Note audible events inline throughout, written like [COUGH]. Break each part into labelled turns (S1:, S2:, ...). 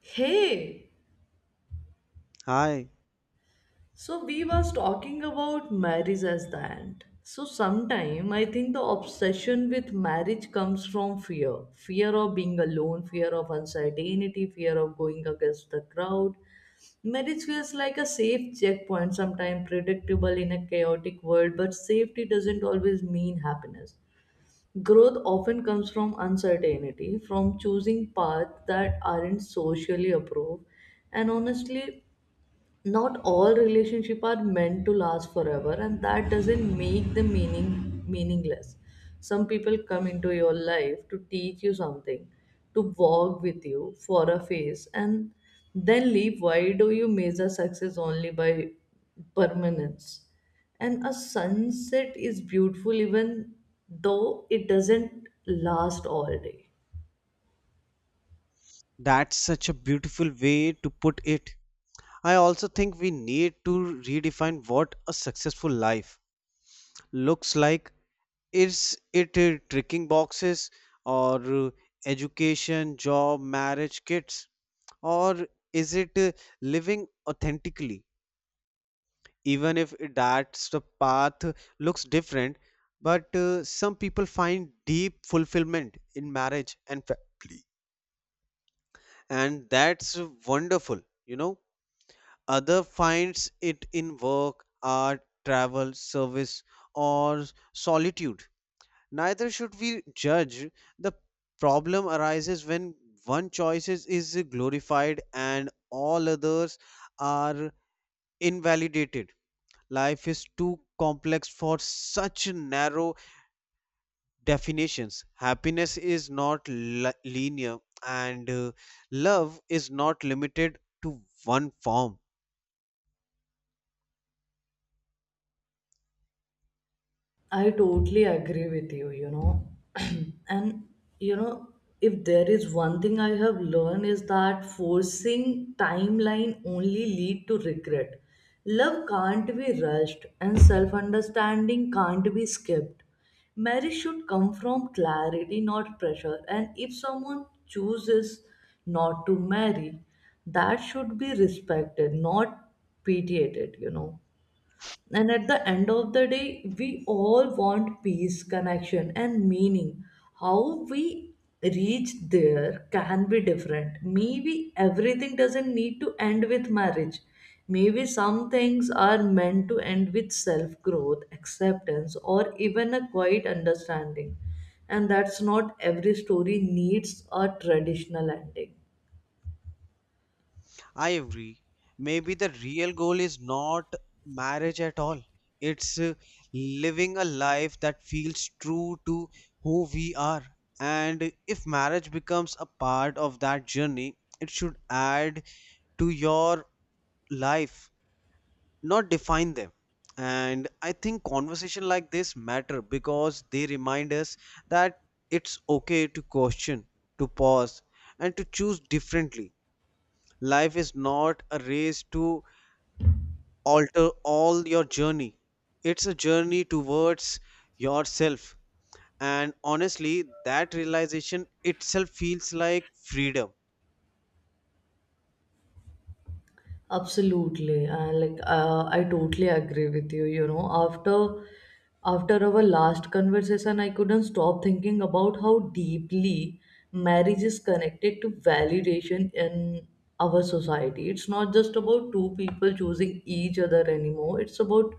S1: Hey,
S2: Hi,
S1: so we was talking about marriage as the end. So sometime I think the obsession with marriage comes from fear. Fear of being alone, fear of uncertainty, fear of going against the crowd. Marriage feels like a safe checkpoint, sometimes predictable in a chaotic world, but safety doesn't always mean happiness. Growth often comes from uncertainty, from choosing paths that aren't socially approved. And honestly, not all relationships are meant to last forever, and that doesn't make them meaningless. Some people come into your life to teach you something, to walk with you for a phase, and then leave. Why do you measure success only by permanence? And a sunset is beautiful even though it doesn't last all day.
S2: that's such a beautiful way to put it. I also think we need to redefine what a successful life looks like. Is it ticking boxes or education, job, marriage, kids? Or is it living authentically? Even if that's the path looks different, but some people find deep fulfillment in marriage and family. And that's wonderful. Other finds it in work, art, travel, service, or solitude. Neither should we judge. The problem arises when one choice is glorified and all others are invalidated. Life is too complex for such narrow definitions. Happiness is not linear, and love is not limited to one form.
S1: I totally agree with you, you know. [CLEARS THROAT] And, you know, if there is one thing I have learned, is that forcing timeline only lead to regret. Love can't be rushed and self-understanding can't be skipped. Marriage should come from clarity, not pressure. And if someone chooses not to marry, that should be respected, not pitiated, you know. And at the end of the day, we all want peace, connection, and meaning. How we reach there can be different. Maybe everything doesn't need to end with marriage. Maybe some things are meant to end with self growth, acceptance, or even a quiet understanding. And that's not every story needs a traditional ending.
S2: I agree. Maybe the real goal is not marriage at all. It's living a life that feels true to who we are. And if marriage becomes a part of that journey, it should add to your life, not define them. And I think conversation like this matter because they remind us that it's okay to question, to pause, and to choose differently. Life is not a race to alter all your journey. It's a journey towards yourself. And honestly, that realization itself feels like freedom.
S1: Absolutely, and like I totally agree with you. You know, after our last conversation, I couldn't stop thinking about how deeply marriage is connected to validation in our society. It's not just about two people choosing each other anymore. It's about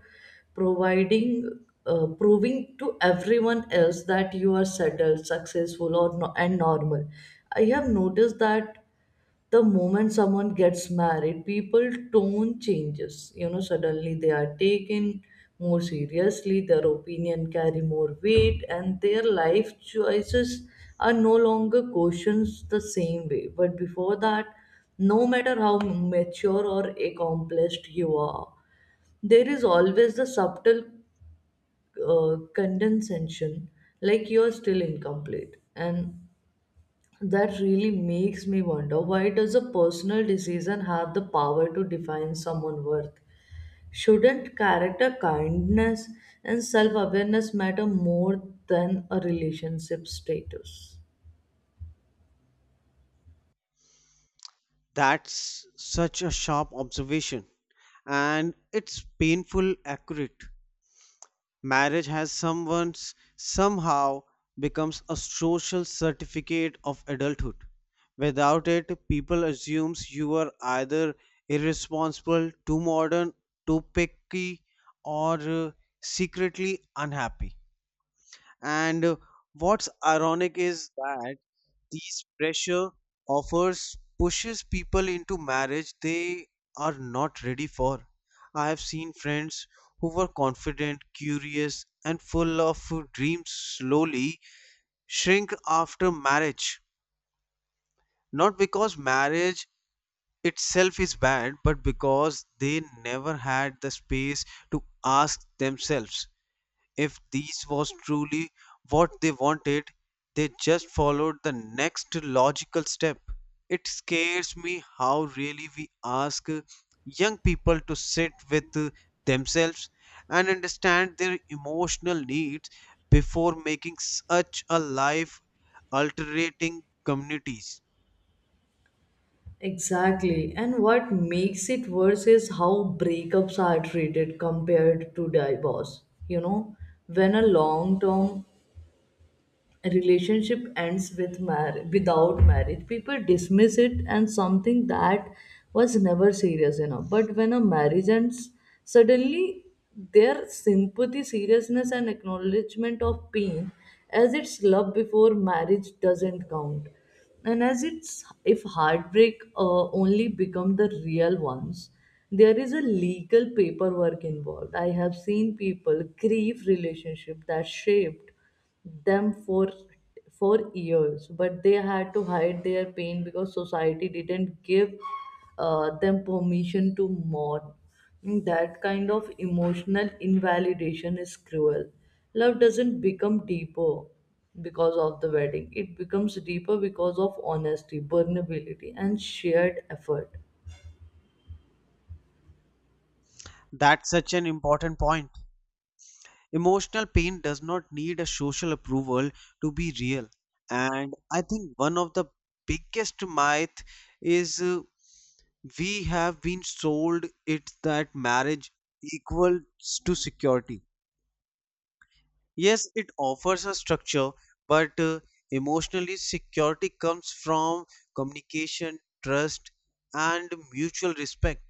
S1: providing, proving to everyone else that you are settled, successful, or and normal. I have noticed that the moment someone gets married, people tone changes, you know. Suddenly they are taken more seriously, their opinion carry more weight, and their life choices are no longer questioned the same way. But before that, no matter how mature or accomplished you are, there is always the subtle condescension, like you are still incomplete. And that really makes me wonder, why does a personal decision have the power to define someone's worth? Shouldn't character, kindness, and self-awareness matter more than a relationship status?
S2: That's such a sharp observation. And it's painful accurate. Marriage has someone's somehow becomes a social certificate of adulthood. Without it, people assumes you are either irresponsible, too modern, too picky, or secretly unhappy. And what's ironic is that these pressure offers pushes people into marriage they are not ready for. I have seen friends who were confident, curious, and full of dreams slowly shrink after marriage. Not because marriage itself is bad, but because they never had the space to ask themselves if this was truly what they wanted, they just followed the next logical step. It scares me how really we ask young people to sit with themselves and understand their emotional needs before making such a life altering communities.
S1: Exactly, and what makes it worse is how breakups are treated compared to divorce. You know, when a long term relationship ends without marriage, people dismiss it and something that was never serious enough. But when a marriage ends, suddenly their sympathy, seriousness, and acknowledgement of pain, as its love before marriage doesn't count, and as it's if heartbreak only become the real ones. There is a legal paperwork involved. I have seen people grieve relationship that shaped them for years, but they had to hide their pain because society didn't give them permission to mourn. That kind of emotional invalidation is cruel. Love doesn't become deeper because of the wedding. It becomes deeper because of honesty, vulnerability, and shared effort.
S2: That's such an important point. Emotional pain does not need a social approval to be real. And I think one of the biggest myth is we have been sold it that marriage equals to security. Yes, it offers a structure, but emotionally security comes from communication, trust, and mutual respect.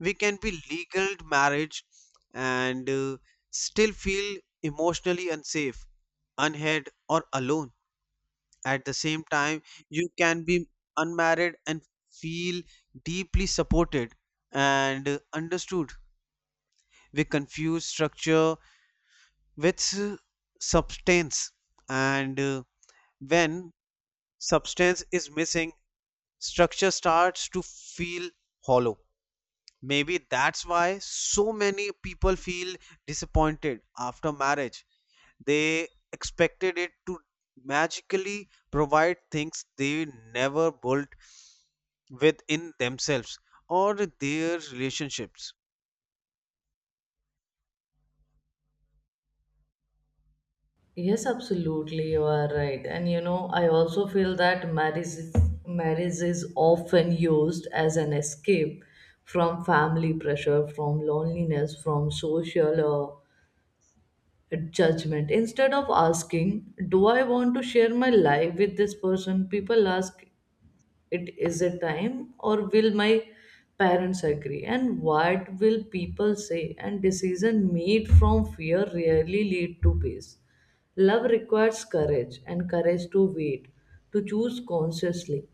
S2: We can be legal marriage and still feel emotionally unsafe, unheard or alone. At the same time, you can be unmarried and feel deeply supported and understood. We confuse structure with substance, and when substance is missing, structure starts to feel hollow. Maybe that's why so many people feel disappointed after marriage. They expected it to magically provide things they never built within themselves or their relationships.
S1: Yes, absolutely, you are right. And you know, I also feel that marriage is often used as an escape from family pressure, from loneliness, from social judgment. Instead of asking, "Do I want to share my life with this person?" people ask, "It is a time or will my parents agree, and what will people say?" And decision made from fear rarely lead to peace. Love requires courage, and courage to wait, to choose consciously,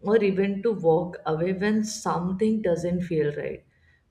S1: or even to walk away when something doesn't feel right.